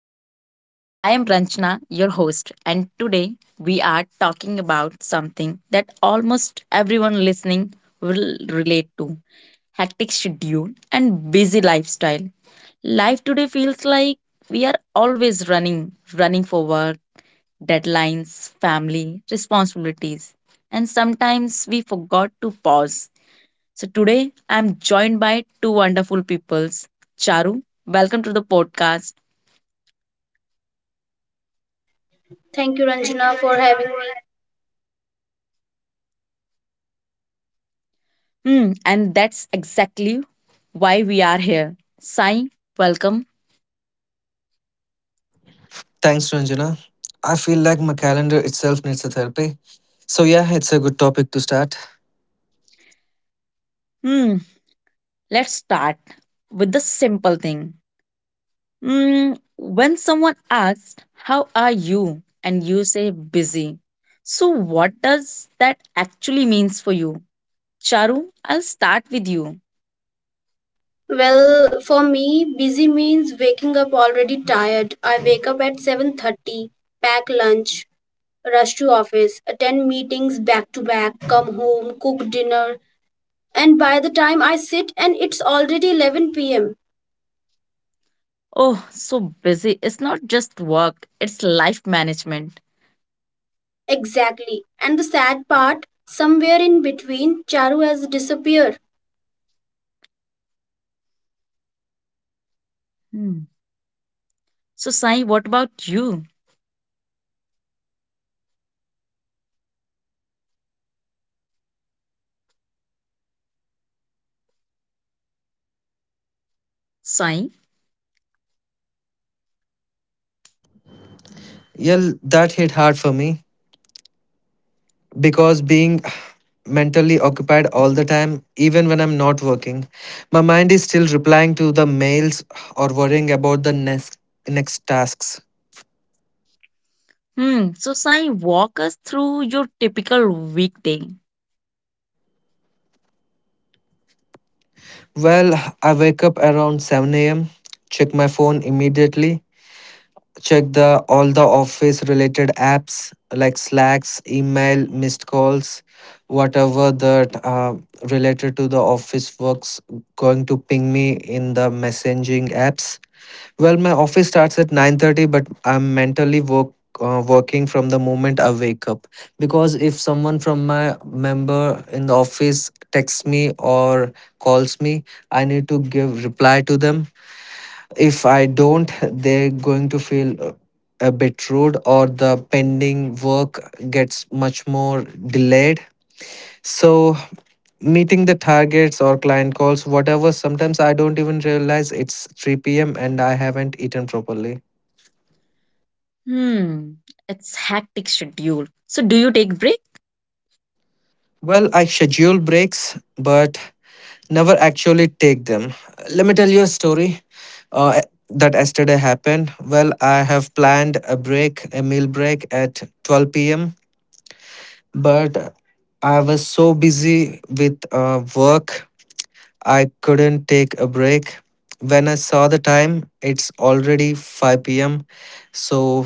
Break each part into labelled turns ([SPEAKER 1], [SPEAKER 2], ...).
[SPEAKER 1] podcast. I am Ranchana, your host, and today we are talking about something that almost everyone listening will relate to hectic schedule and busy lifestyle. Life today feels like we are always running for work, deadlines, family, responsibilities, and sometimes we forgot to pause so today I'm joined by two wonderful peoples. Charu, welcome to the podcast.
[SPEAKER 2] Thank you, Ranjana, for having me.
[SPEAKER 1] Hmm, and that's exactly why we are here. Sai, welcome.
[SPEAKER 3] Thanks, Ranjana. I feel like my calendar itself needs a therapy. So, yeah, it's a good topic to start.
[SPEAKER 1] Hmm, let's start with the simple thing. Hmm, when someone asks, how are you? And you say busy. So what does that actually means for you? Charu, I'll start with you.
[SPEAKER 2] Well, for me, busy means waking up already tired. I wake up at 7:30, pack lunch, rush to office, attend meetings back to back, come home, cook dinner, and by the time I sit and it's already 11 p.m.
[SPEAKER 1] Oh, so busy. It's not just work, it's life management.
[SPEAKER 2] Exactly. And the sad part, somewhere in between, Charu has disappeared.
[SPEAKER 1] Hmm. So, Sai, what about you, Sai?
[SPEAKER 3] Yeah, that hit hard for me because being mentally occupied all the time, even when I'm not working, my mind is still replying to the mails or worrying about the next tasks.
[SPEAKER 1] Hmm. So, Sai, walk us through your typical weekday.
[SPEAKER 3] Well, I wake up around 7 a.m., check my phone immediately, check the all the office related apps like slacks, email, missed calls, whatever that related to the office works going to ping me in the messaging apps. Well, my office starts at 9:30, but I'm mentally working from the moment I wake up, because if someone from my member in the office texts me or calls me, I need to give reply to them. If I don't, they're going to feel a bit rude, or the pending work gets much more delayed. So, meeting the targets or client calls, whatever, sometimes I don't even realize it's 3 p.m. and I haven't eaten properly.
[SPEAKER 1] Hmm. It's hectic schedule. So, do you take break?
[SPEAKER 3] Well, I schedule breaks, but never actually take them. Let me tell you a story uh, that yesterday happened. Well, I have planned a break, a meal break at 12 p.m., but I was so busy with work, I couldn't take a break. When I saw the time, it's already 5 p.m. So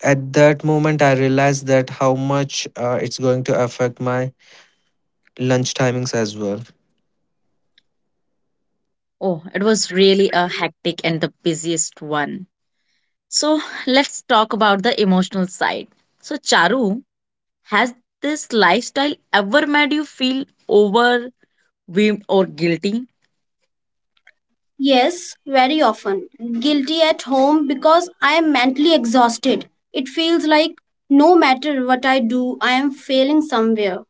[SPEAKER 3] at that moment, I realized that how much it's going to affect my lunch timings as well.
[SPEAKER 1] Oh, it was really a hectic and the busiest one. So, let's talk about the emotional side. So, Charu, has this lifestyle ever made you feel overwhelmed or guilty?
[SPEAKER 2] Yes, very often. Guilty at home because I am mentally exhausted. It feels like no matter what I do, I am failing somewhere.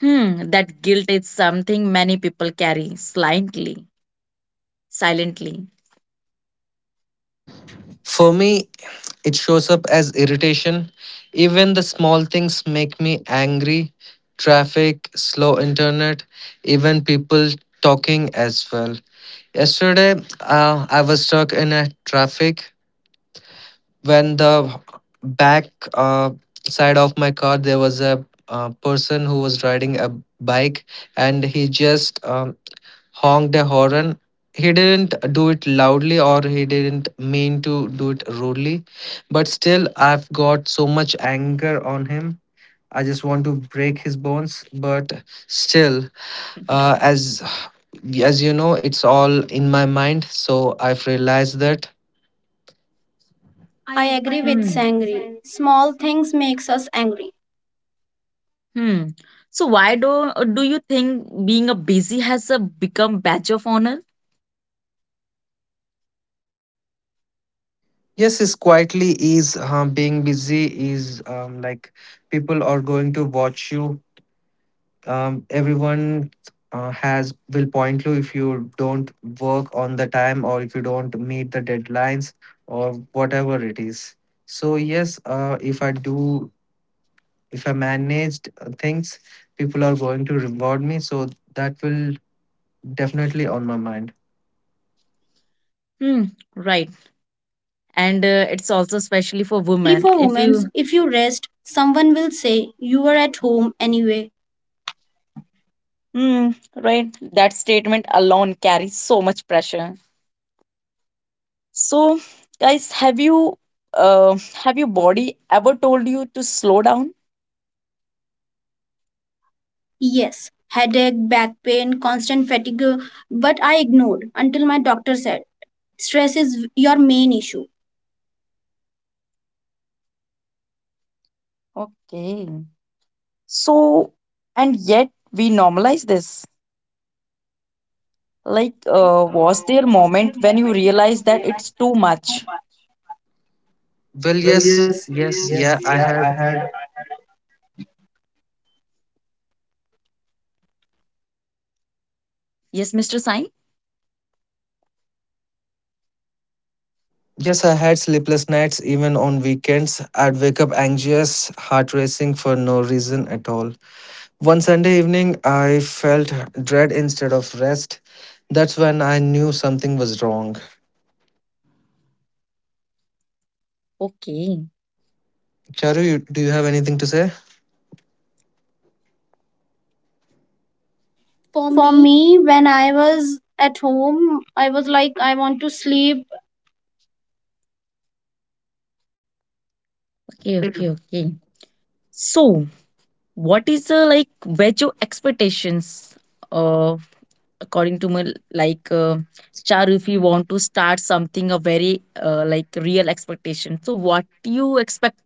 [SPEAKER 1] Hmm. That guilt is something many people carry silently. Silently.
[SPEAKER 3] For me, it shows up as irritation. Even the small things make me angry. Traffic, slow internet, even people talking as well. Yesterday, I was stuck in a traffic when the back uh, side of my car there was a person who was riding a bike, and he just honked a horn. He didn't do it loudly or he didn't mean to do it rudely, but still, I've got so much anger on him. I just want to break his bones, but still, uh, as as you know, it's all in my mind, so I've realized that
[SPEAKER 2] I agree with
[SPEAKER 1] Hmm.
[SPEAKER 2] Sangri. Small things makes us angry.
[SPEAKER 1] Hmm. So why do you think being a busy has a become badge of honor?
[SPEAKER 3] yes, is quietly, is being busy is like, people are going to watch you, everyone has will point you if you don't work on the time or if you don't meet the deadlines or whatever it is. So yes, if I do if I managed things, people are going to reward me, so that will definitely on my mind.
[SPEAKER 1] Hmm. Right. And it's also especially for
[SPEAKER 2] Especially
[SPEAKER 1] women.
[SPEAKER 2] for
[SPEAKER 1] If
[SPEAKER 2] women,
[SPEAKER 1] you
[SPEAKER 2] if you rest, someone will say you were at home anyway.
[SPEAKER 1] hmm, right, that statement alone carries so much pressure. So, guys, have you uh, have your body ever told you to slow down?
[SPEAKER 2] Yes, headache, back pain, constant fatigue, but I ignored until my doctor said stress is your main issue.
[SPEAKER 1] Okay. So, and yet we normalize this. Like, was there a moment when you realized that it's too much?
[SPEAKER 3] Well,
[SPEAKER 2] Well, yes, yeah, I had.
[SPEAKER 1] Yes, Mr. Sai.
[SPEAKER 3] yes, I had sleepless nights even on weekends. I'd wake up anxious, heart racing for no reason at all. One Sunday evening, I felt dread instead of rest. That's when I knew something was wrong.
[SPEAKER 1] Okay.
[SPEAKER 3] Charu, do you have anything to say? For
[SPEAKER 2] For
[SPEAKER 3] me,
[SPEAKER 2] me, when I was at home, I was like, I want to sleep.
[SPEAKER 1] Okay, okay, okay. So, what is like your expectations of according to my like Charu? If you want to start something a very like real expectation, so what you expect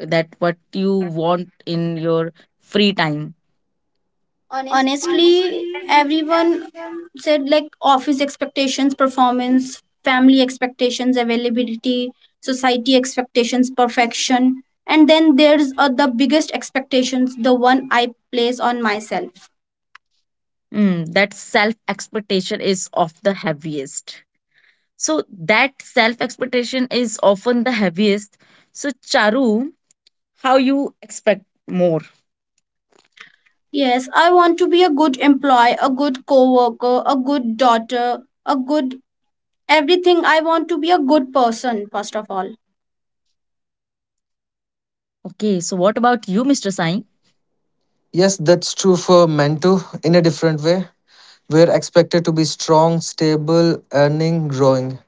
[SPEAKER 1] that what you want in your free time?
[SPEAKER 3] honestly,
[SPEAKER 2] Honestly, everyone said like office expectations performance, family expectations availability, society expectations perfection, and then there's the biggest expectations, the one I place on myself.
[SPEAKER 1] Mm, that self expectation is of the heaviest. So that self expectation is often the heaviest. So Charu, how you expect more?
[SPEAKER 2] Yes, I want to be a good employee, a good coworker, a good daughter, a good everything. I want to be a good person first of all.
[SPEAKER 1] Okay, so what about you, Mr. Sai?
[SPEAKER 3] yes, that's true for men too, in a different way. We're expected to be strong, stable, earning, growing.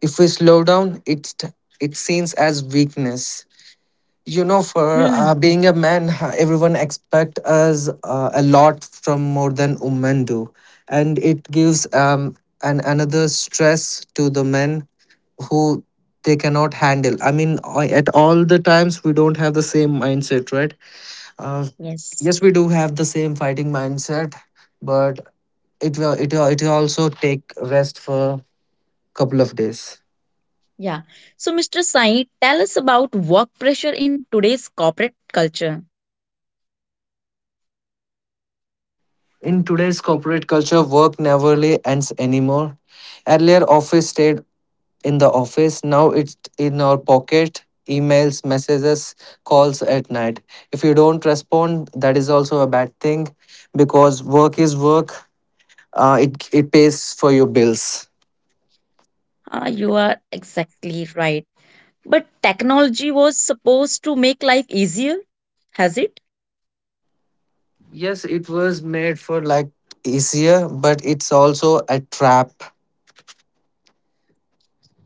[SPEAKER 3] If we slow down, it seems as weakness. You know, for
[SPEAKER 1] Hmm.
[SPEAKER 3] being a man, everyone expect us a lot from more than women do, and it gives an another stress to the men who they cannot handle. I mean, at all the times we don't have the same mindset, right? Uh,
[SPEAKER 1] Yes.
[SPEAKER 3] yes, we do have the same fighting mindset, but it will also take rest for couple of days.
[SPEAKER 1] Yeah. So, Mr. Sai, tell us about work pressure in today's corporate culture.
[SPEAKER 3] In today's corporate culture, work never really ends anymore. Earlier, office stayed in the office. Now it's in our pocket, emails, messages, calls at night. If you don't respond, that is also a bad thing because work is work. It pays for your bills.
[SPEAKER 1] Ah, you are exactly right. But technology was supposed to make life easier, has it?
[SPEAKER 3] Yes, it was made for like easier, but it's also a trap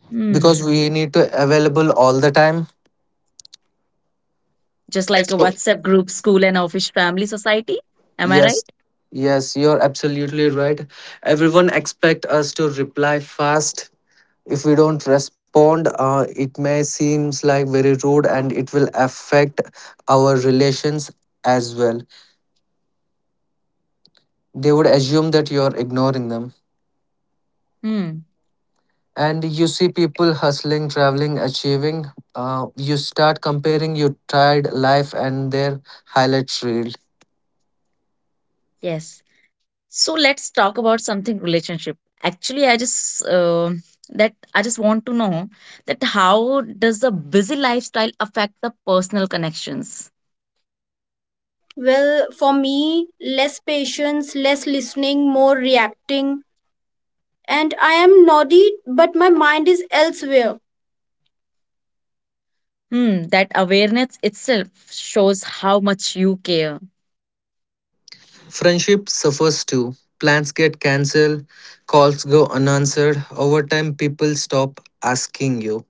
[SPEAKER 1] Hmm.
[SPEAKER 3] because we need to available all the time.
[SPEAKER 1] Just
[SPEAKER 3] Yes.
[SPEAKER 1] like a
[SPEAKER 3] So
[SPEAKER 1] WhatsApp group, school and office, family, society. Am I
[SPEAKER 3] yes,
[SPEAKER 1] right?
[SPEAKER 3] yes, you're absolutely right. Everyone expect us to reply fast. If we don't respond, it may seems like very rude and it will affect our relations as well. They would assume that you're ignoring them.
[SPEAKER 1] Hmm.
[SPEAKER 3] And you see people hustling, traveling, achieving. You start comparing your tired life and their highlight reel.
[SPEAKER 1] Yes. So let's talk about something relationship. Actually, I just that I just want to know that how does the busy lifestyle affect the personal connections?
[SPEAKER 2] Well, for me, less patience, less listening, more reacting. And I am naughty, but my mind is elsewhere.
[SPEAKER 1] Hmm, that awareness itself shows how much you care.
[SPEAKER 3] Friendship suffers too. Plans get cancelled, calls go unanswered. Over time, people stop asking you.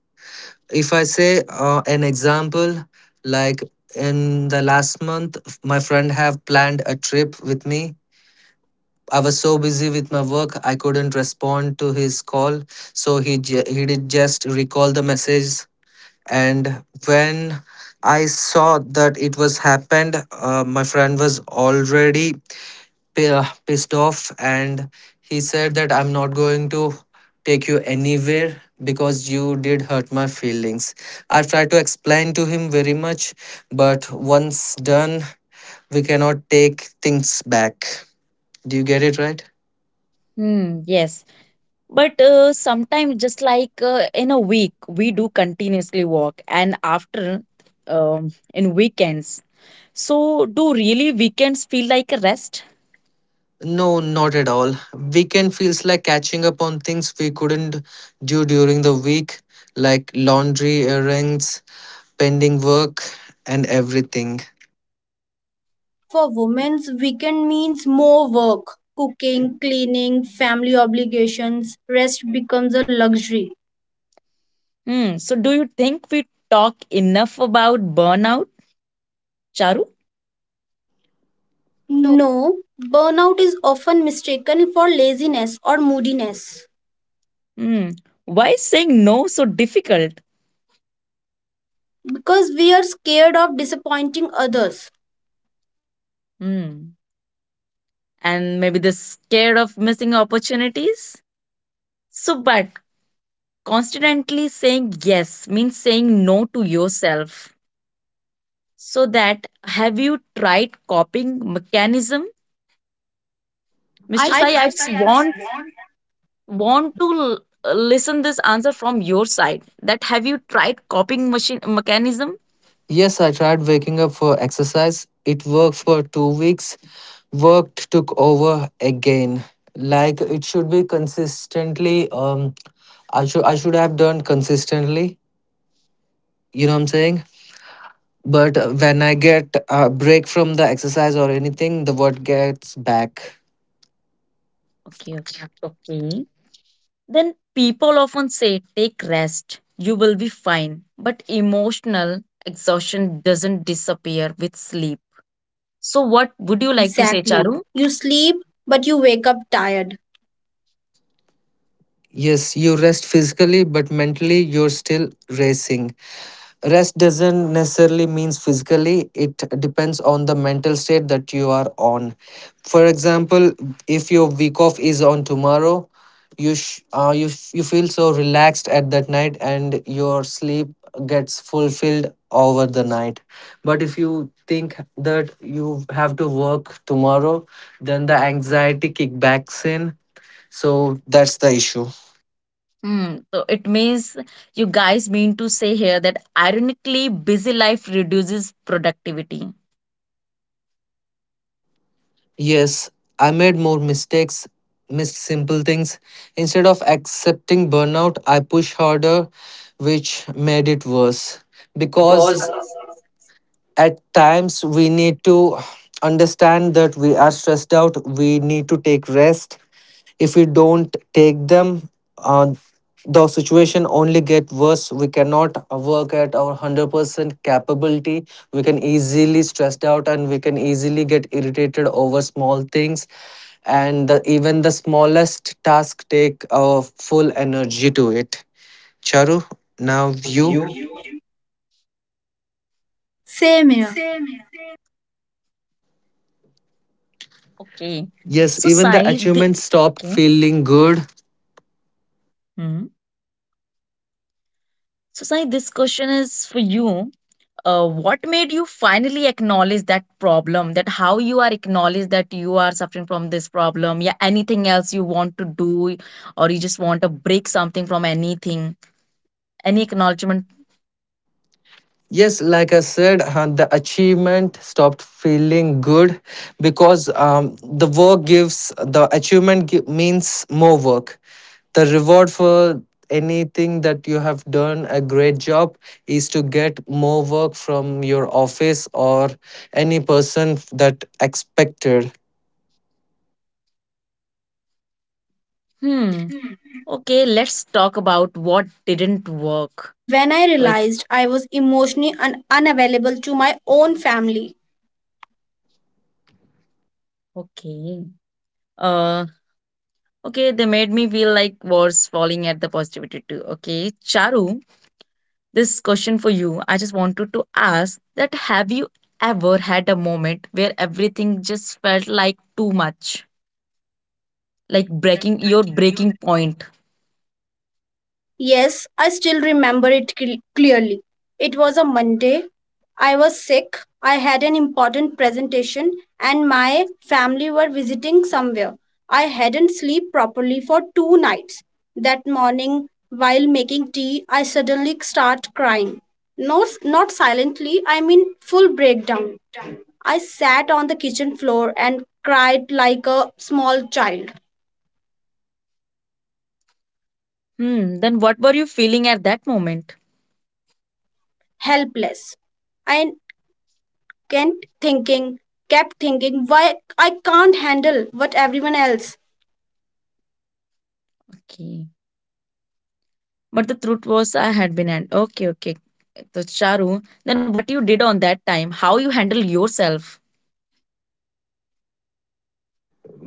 [SPEAKER 3] If I say an example, like, in the last month, my friend have planned a trip with me. I was so busy with my work, I couldn't respond to his call. So he did just recall the message. And when I saw that it was happened, my friend was already pissed off, and he said that I'm not going to take you anywhere because you did hurt my feelings. I tried to explain to him very much, but once done, we cannot take things back. Do you get it right?
[SPEAKER 1] Hmm, yes. But sometimes, just like in a week, we do continuously walk, and after, in weekends. So, do really weekends feel like a rest?
[SPEAKER 3] No, not at all. Weekend feels like catching up on things we couldn't do during the week, like laundry, errands, pending work, and everything.
[SPEAKER 2] For women's weekend means more work, cooking, cleaning, family obligations. Rest becomes a luxury.
[SPEAKER 1] Hmm. So, do you think we talk enough about burnout, Charu?
[SPEAKER 3] No.
[SPEAKER 2] No, burnout is often mistaken for laziness or moodiness
[SPEAKER 1] Hmm. Why is saying no so difficult?
[SPEAKER 2] because we are scared of disappointing others.
[SPEAKER 1] Hmm. And maybe they're scared of missing opportunities. So, but constantly saying yes means saying no to yourself. So that have you tried coping mechanism? Mr.
[SPEAKER 2] I
[SPEAKER 1] Sai, I just want to listen this answer from your side. That have you tried coping machine mechanism?
[SPEAKER 3] Yes, I tried waking up for exercise. It worked for 2 weeks. Work took over again. Like, it should be consistently. I should have done consistently. You know what I'm saying? But when I get a break from the exercise or anything, the work gets back.
[SPEAKER 1] Okay, okay. Then people often say take rest, you will be fine. But emotional exhaustion doesn't disappear with sleep. So what would you like to say,
[SPEAKER 2] exactly.
[SPEAKER 1] Charu?
[SPEAKER 2] You sleep, but you wake up tired.
[SPEAKER 3] Yes, you rest physically, but mentally you're still racing. Rest doesn't necessarily means physically, it depends on the mental state that you are on. For example, if your week off is on tomorrow, you sh- you f- you feel so relaxed at that night, and your sleep gets fulfilled over the night. But if you think that you have to work tomorrow, then the anxiety kickbacks in. So that's the issue.
[SPEAKER 1] Hmm. So it means you guys mean to say here that ironically, busy life reduces productivity.
[SPEAKER 3] Yes, I made more mistakes, missed simple things. Instead of accepting burnout, I pushed harder, which made it worse. Because
[SPEAKER 2] Because
[SPEAKER 3] at times we need to understand that we are stressed out, we need to take rest. If we don't take them, uh, the situation only get worse. We cannot work at our 100% capability. We can easily stressed out, and we can easily get irritated over small things, and even the smallest task take our full energy to it. Charu, now
[SPEAKER 2] now
[SPEAKER 3] you.
[SPEAKER 2] you same here.
[SPEAKER 1] Okay.
[SPEAKER 3] Yes,
[SPEAKER 1] So
[SPEAKER 3] even the
[SPEAKER 1] Sai, thi-
[SPEAKER 3] achievements stop
[SPEAKER 1] okay.
[SPEAKER 3] feeling good.
[SPEAKER 1] Hmm. So Sai, this question is for you. What made you finally acknowledge that problem? That how you are acknowledged that you are suffering from this problem? Yeah, anything else you want to do, or you just want to break something from anything? Any acknowledgement?
[SPEAKER 3] Yes, like I said, the achievement stopped feeling good because the work gives the means more work. The reward for anything that you have done a great job is to get more work from your office or any person that expected.
[SPEAKER 1] Hmm. Okay, let's talk about what didn't work
[SPEAKER 2] When I
[SPEAKER 1] like.
[SPEAKER 2] realized I was emotionally unavailable to my own family.
[SPEAKER 1] Okay. Uh, okay, they made me feel like was falling at the positivity too. Okay, Charu, this question for you. I just wanted to ask that have you ever had a moment where everything just felt like too much, like breaking point?
[SPEAKER 2] Yes, I still remember it clearly. It was a Monday. I was sick. I had an important presentation and my family were visiting somewhere. I hadn't slept properly for 2 nights. That morning, while making tea, I suddenly start crying. No, not silently, I mean full breakdown. I sat on the kitchen floor and cried like a small child,
[SPEAKER 1] Hmm, then what were you feeling at that moment?
[SPEAKER 2] helpless. I kept thinking, why I can't handle what everyone else.
[SPEAKER 1] Okay. But the truth was I had been and okay, okay. So Charu, then what you did on that time, how you handle yourself?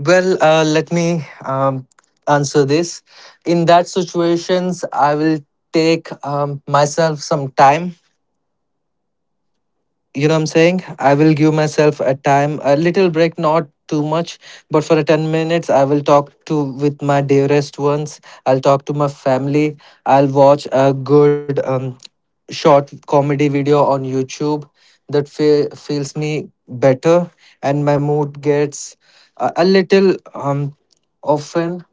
[SPEAKER 3] Well, let me answer this. In that situations, I will take myself some time. You know what I'm saying? I will give myself a time, a little break, not too much, but for a 10 minutes, I will talk to with my dearest ones. I'll talk to my family. I'll watch a good short comedy video on YouTube that feels me better, and my mood gets a little often.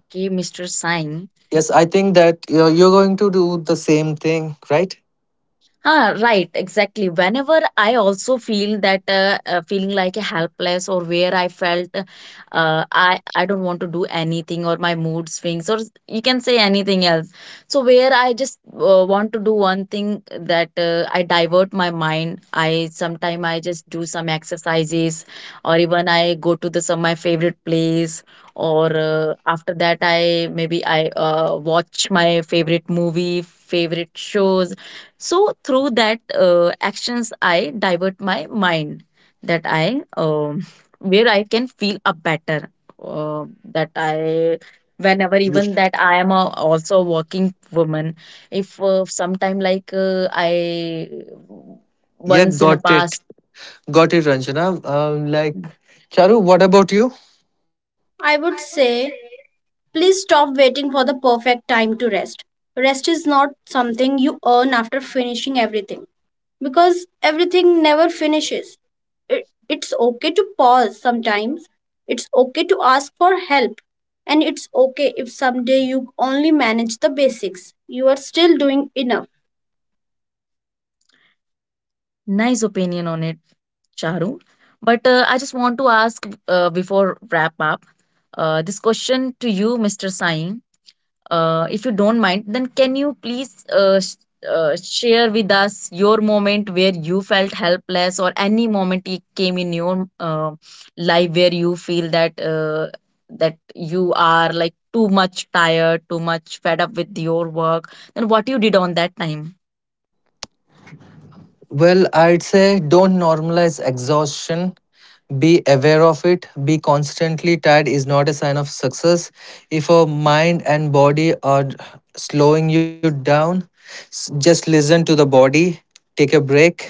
[SPEAKER 1] Okay, Mr. Sain.
[SPEAKER 3] Yes, I think that you're going to do the same thing, right?
[SPEAKER 1] Ah, right, exactly. Whenever I also feel that feeling like a helpless or where I felt uh, I don't want to do anything or my mood swings or you can say anything else. So where I just want to do one thing that I divert my mind. I sometime I just do some exercises or even I go to the some my favorite place or after that I maybe I watch my favorite movie, favorite shows so through that actions, I divert my mind that I where I can feel a better uh, that I whenever
[SPEAKER 3] Ye-
[SPEAKER 1] even that I am a, also a working woman. If sometime like I
[SPEAKER 3] Yeah,
[SPEAKER 1] once in a
[SPEAKER 3] got it.
[SPEAKER 1] past
[SPEAKER 3] Got it, Ranjana. Charu, what about you?
[SPEAKER 2] I would say, please stop waiting for the perfect time to rest. Rest is not something you earn after finishing everything because everything never finishes. It, it's okay to pause sometimes, it's okay to ask for help, and it's okay if someday you only manage the basics. You are still doing enough.
[SPEAKER 1] nice opinion on it, Charu. But I just want to ask before wrap up this question to you, Mr. Sai. If you don't mind, then can you please share with us your moment where you felt helpless, or any moment it came in your life where you feel that that you are like too much tired, too much fed up with your work, then what you did on that time?
[SPEAKER 3] Well, I'd say don't normalize exhaustion. Be aware of it. Be constantly tired is not a sign of success. If your mind and body are slowing you down, just listen to the body, take a break,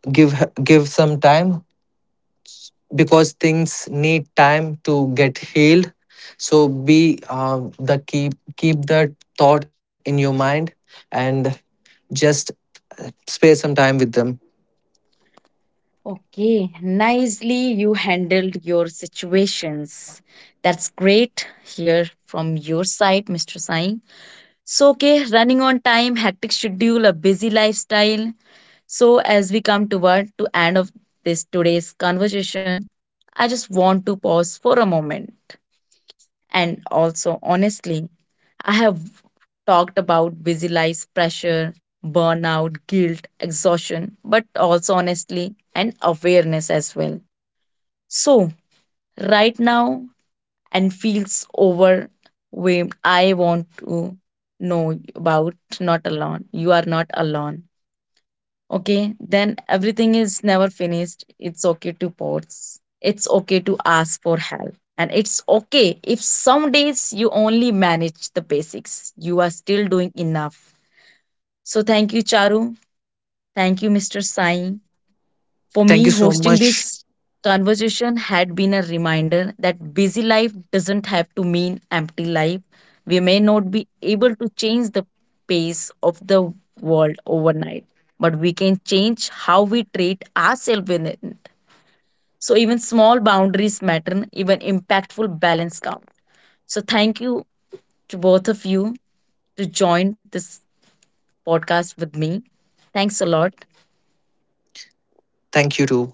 [SPEAKER 3] give give some time, because things need time to get healed. So be the keep that thought in your mind, and just spare some time with them.
[SPEAKER 1] Okay, nicely you handled your situations. That's great. Here from your side, Mr. Sai. So, okay, running on time, hectic schedule, a busy lifestyle. So, as we come toward to end of this today's conversation, I just want to pause for a moment. And also, honestly, I have talked about busy life pressure, burnout, guilt, exhaustion, but also honestly, and awareness as well. So, right now, and feels overwhelmed, I want to know about not alone. You are not alone. Okay, then everything is never finished. It's okay to pause. It's okay to ask for help. And it's okay if some days you only manage the basics. You are still doing enough. So thank you, Charu. Thank you, Mr. Sai. For
[SPEAKER 3] Thank
[SPEAKER 1] me,
[SPEAKER 3] you so
[SPEAKER 1] hosting
[SPEAKER 3] much.
[SPEAKER 1] this conversation had been a reminder that busy life doesn't have to mean empty life. We may not be able to change the pace of the world overnight, but we can change how we treat ourselves in it. So, even small boundaries matter, even impactful balance count. So, thank you to both of you to join this podcast with me. Thanks a lot.
[SPEAKER 3] Thank you too.